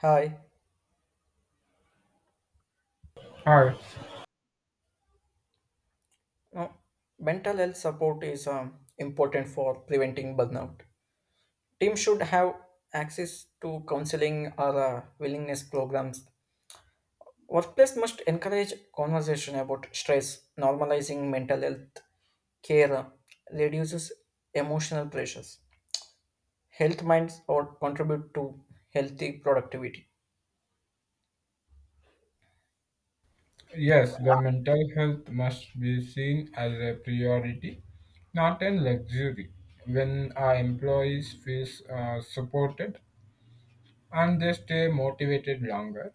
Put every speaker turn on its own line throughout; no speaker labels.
Hi.
Hi.
Now, mental health support is important for preventing burnout. Teams should have access to counseling or willingness programs. Workplace must encourage conversation about stress, normalizing mental health care reduces emotional pressures. Health minds or contribute to healthy productivity.
Yes, the mental health must be seen as a priority, not a luxury. When our employees feel supported and they stay motivated longer,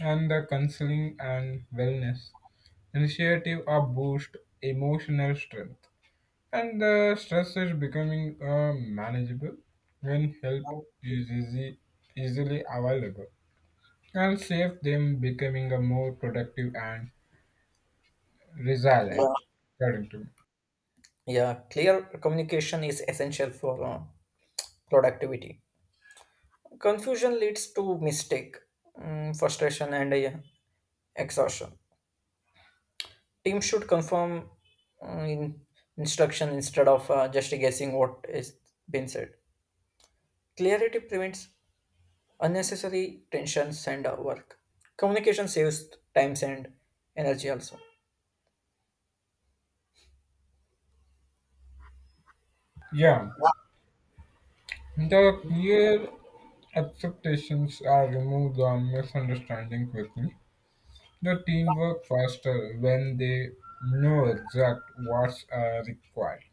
and the counseling and wellness initiative are boost emotional strength, and the stress is becoming manageable when help is easy, easily available, and save them becoming a more productive and resilient
Yeah,
according to me.
yeah, clear communication is essential for productivity. Confusion leads to mistake, frustration, and exhaustion. Teams should confirm in instruction instead of just guessing what is being said. Clarity prevents unnecessary tensions and work. Communication saves times and energy also.
Yeah, the clear expectations are removed or misunderstanding quickly. The team work faster when they know exact what's required.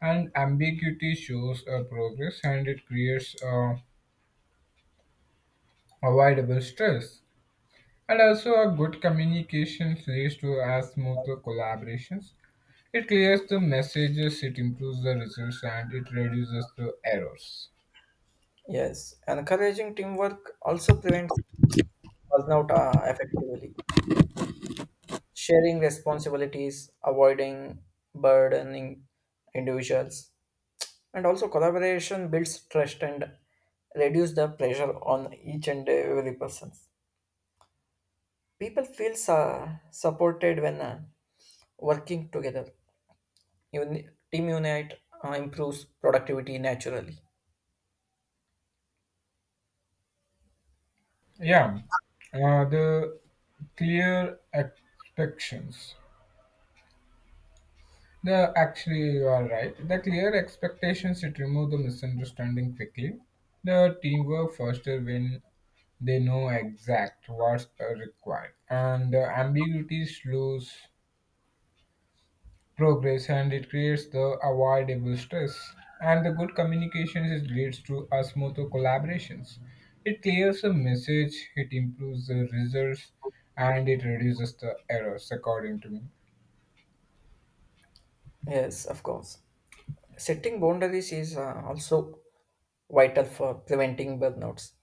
And ambiguity shows a progress and it creates avoidable stress. And also, a good communication leads to a smoother collaborations. It clears the messages, it improves the results, and it reduces the errors.
Yes, encouraging teamwork also prevents burnout effectively. Sharing responsibilities, avoiding burdening individuals, and also collaboration builds trust and reduce the pressure on each and every person people feel supported when working together team unite improves productivity naturally.
Yeah, the clear expectations. The actually you are right. The clear expectations it remove the misunderstanding quickly. The teamwork foster when they know exact what's required, and the ambiguities lose progress and it creates the avoidable stress. And the leads to a smoother collaborations. It clears the message, it improves the results, and it reduces the errors, according to me.
Yes, of course, setting boundaries is also vital for preventing burnouts.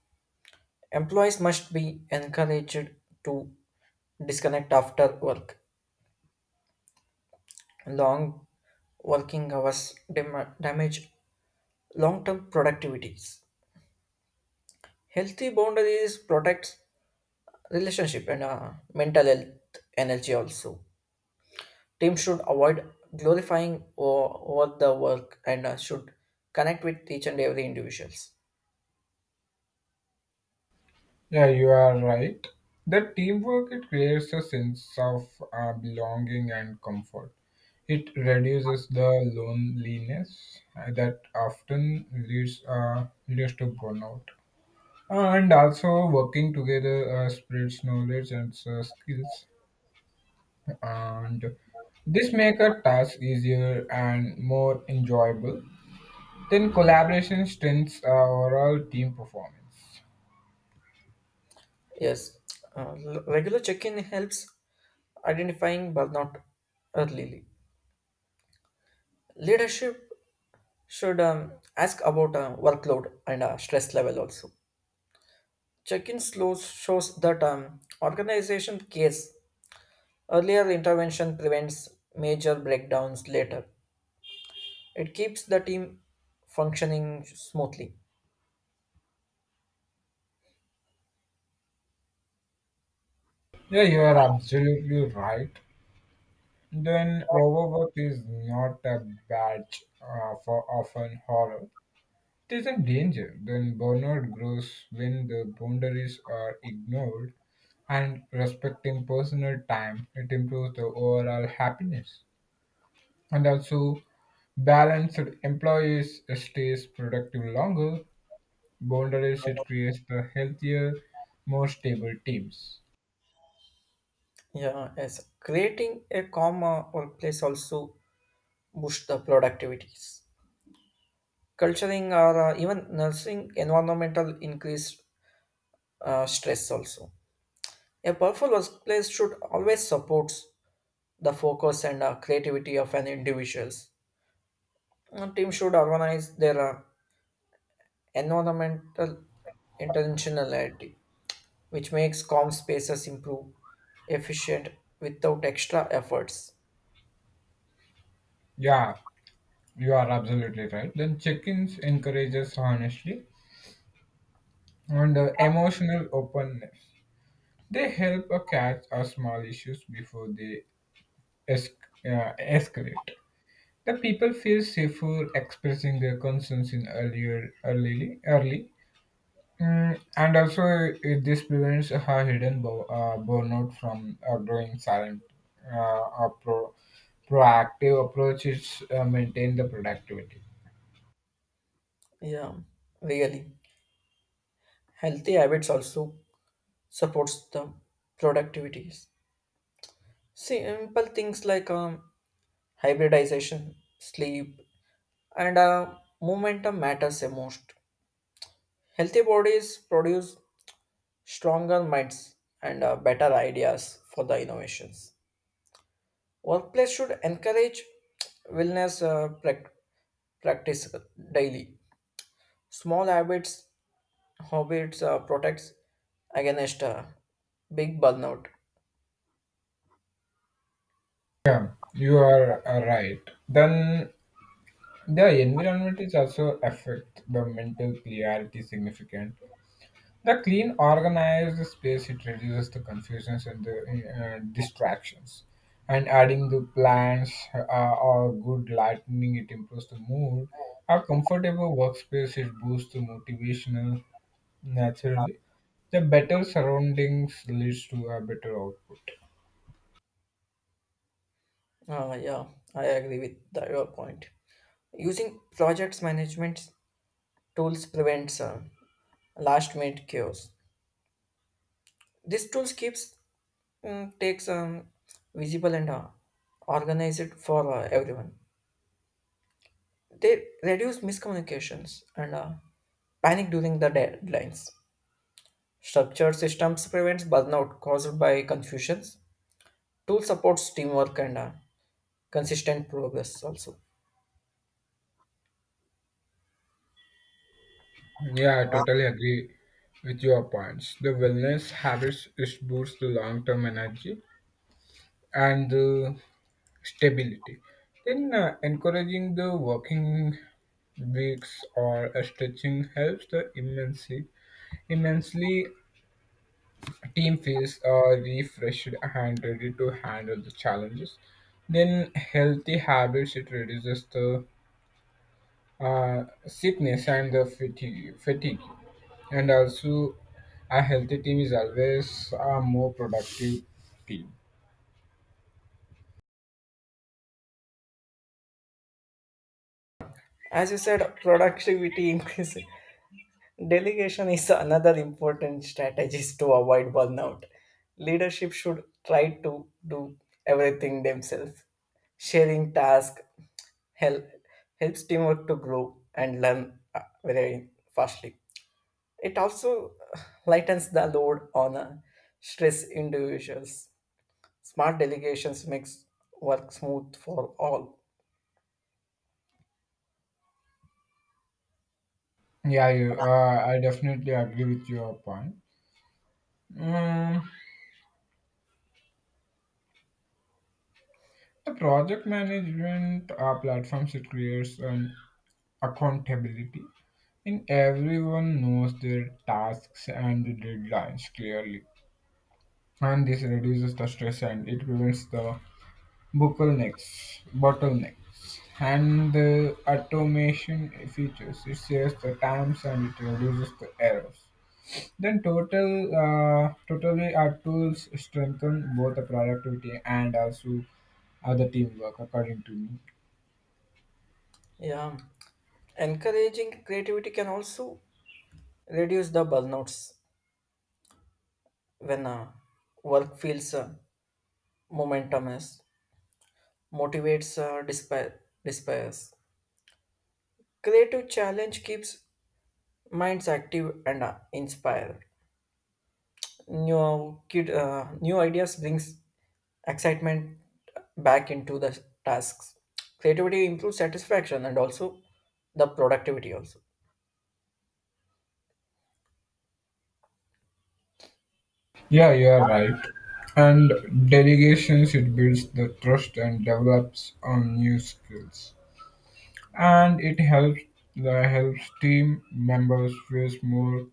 Employees must be encouraged to disconnect after work. Long working hours damage long-term productivity. Healthy boundaries protects relationship and mental health energy also. Teams should avoid glorifying over the work and should connect with each and every individuals.
Yeah, you are right. The teamwork it creates a sense of belonging and comfort. It reduces the loneliness that often leads to burnout, and also working together spreads knowledge and skills, and this make a task easier and more enjoyable. Then collaboration strengthens our overall team performance.
Yes, regular check-in helps identifying burnout early. Leadership should ask about workload and stress level also. Check-in slows shows that organization cares. Earlier intervention prevents major breakdowns later. It keeps the team functioning smoothly.
Yeah, you are absolutely right. Then overwork is not a badge for often horror. It is a danger. Then burnout grows when the boundaries are ignored, and respecting personal time it improves the overall happiness, and also balanced employees stays productive longer. Boundaries it creates the healthier, more stable teams.
Yeah, yes. Creating a calm workplace also boosts the productivities. Culturing or even nursing environmental increase stress also. A powerful workplace should always support the focus and creativity of an individuals. A team should organize their environmental intentionality which makes calm spaces improve efficient without extra efforts.
Yeah, you are absolutely right. Then check-ins encourages honesty and emotional openness. They help a catch our small issues before they escalate. The people feel safer expressing their concerns in early. And also this prevents a hidden burnout from growing silent. A proactive approaches maintain the productivity.
Yeah, really. Healthy habits also supports the productivities. Simple things like hybridization, sleep, and momentum matters the most. Healthy bodies produce stronger minds and better ideas for the innovations. Workplace should encourage wellness practice daily. Small habits, protects against big burnout.
Yeah, you are right. Then the environment is also affect the mental clarity significant. The clean, organized space it reduces the confusions and the distractions, and adding the plants or good lighting it improves the mood. A comfortable workspace it boosts the motivational naturally. The better surroundings leads to a better output.
Yeah, I agree with your point. Using projects management tools prevents last minute chaos. This tools keeps takes visible and organized for everyone. They reduce miscommunications and panic during the deadlines. Structured systems prevents burnout caused by confusions. Tool supports teamwork and consistent progress also.
Yeah, I totally agree with your points. The wellness habits it boosts the long term energy and the stability. Then encouraging the working weeks or stretching helps the immensely. Team feels refreshed and ready to handle the challenges. Then healthy habits it reduces the sickness and the fatigue, and also a healthy team is always a more productive team.
As you said, productivity increase. Delegation is another important strategies to avoid burnout. Leadership should try to do everything themselves. Sharing task help, helps teamwork to grow and learn very fastly. It also lightens the load on stress individuals. Smart delegations makes work smooth for all.
Yeah, I definitely agree with your point. Mm, The project management platforms it creates an accountability, and everyone knows their tasks and the deadlines clearly. And this reduces the stress and it prevents the bottlenecks, and the automation features. It saves the times and it reduces the errors. Then totally our tools strengthen both the productivity and also the teamwork, according to me.
Yeah. Encouraging creativity can also reduce the burnouts when work feels momentous, motivates despairs. Creative challenge keeps minds active and inspired. New ideas brings excitement back into the tasks. Creativity improves satisfaction and also the productivity also.
Yeah, you are right. And delegations, it builds the trust and develops on new skills. And it helps the helps team members feel more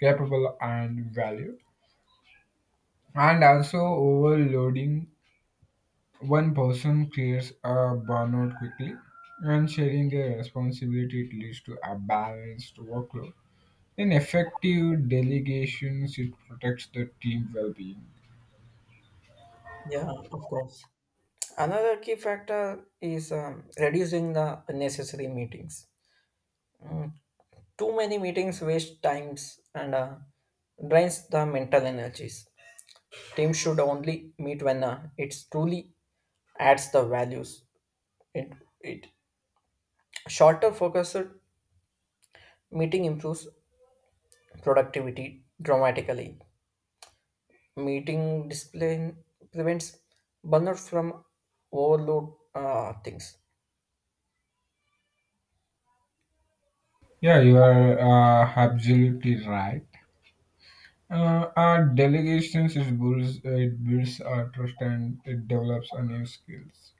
capable and valued. And also overloading one person creates a burnout quickly. And sharing their responsibility it leads to a balanced workload. In effective delegations, it protects the team well-being.
Yeah, of course. Another key factor is reducing the unnecessary meetings. Too many meetings waste times and drains the mental energies. Teams should only meet when it truly adds the values. It, it shorter focused meeting improves productivity dramatically. Meeting discipline prevents burnout from overload things.
Yeah, you are absolutely right. Our delegations is builds it builds our trust and it develops our new skills,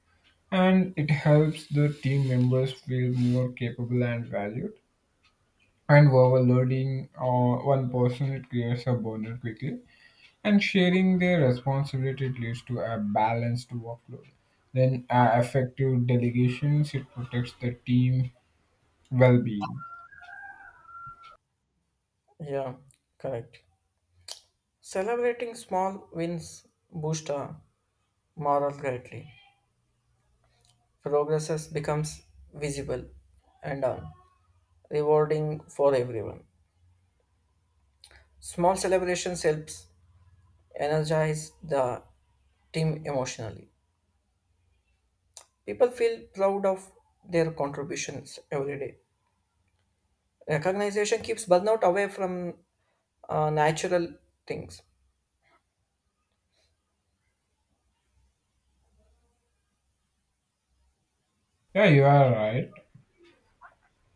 and it helps the team members feel more capable and valued. And overloading one person it creates a burden quickly, and sharing their responsibility it leads to a balanced workload. Then effective delegations it protects the team well-being.
Yeah, correct. Celebrating small wins boosts our morale greatly. Progress becomes visible and rewarding for everyone. Small celebrations helps energize the team emotionally. People feel proud of their contributions every day. Recognition keeps burnout away from natural things.
Yeah, you are right.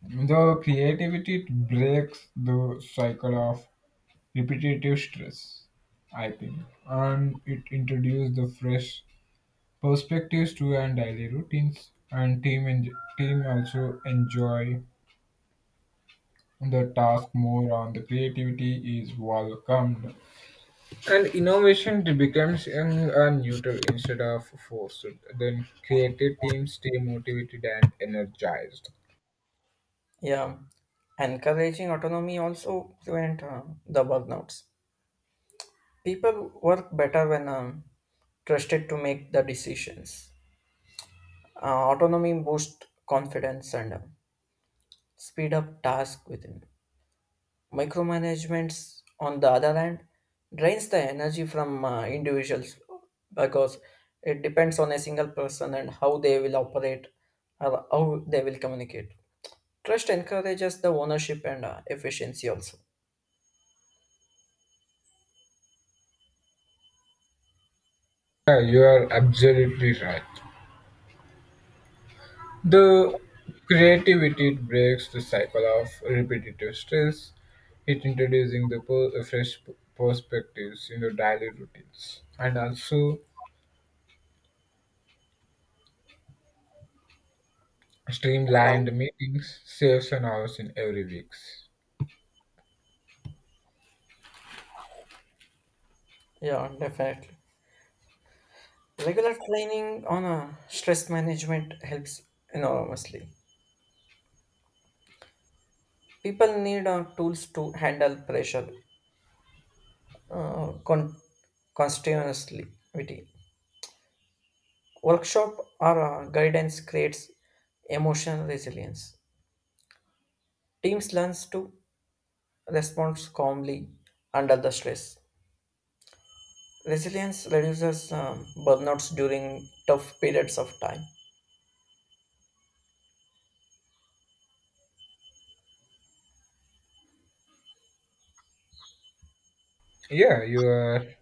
Though creativity breaks the cycle of repetitive stress, I think, and it introduces the fresh perspectives to our daily routines. And team also enjoy the task more, and the creativity is welcomed. And innovation becomes a neutral instead of forced. Then creative teams stay motivated and energized.
Yeah, encouraging autonomy also prevent the burnouts. People work better when trusted to make the decisions. Autonomy boosts confidence and speed up tasks within. Micromanagement, on the other hand, drains the energy from individuals because it depends on a single person and how they will operate or how they will communicate. Trust encourages the ownership and efficiency also.
Yeah, you are absolutely right. The creativity breaks the cycle of repetitive stress, it introducing the fresh perspectives in your daily routines, and also streamlined meetings saves an hours in every weeks.
Yeah, definitely. Regular training on stress management helps enormously. People need tools to handle pressure uh, con- continuously. Workshop or guidance creates emotional resilience. Teams learns to respond calmly under the stress. Resilience reduces burnouts during tough periods of time.
Yeah, you are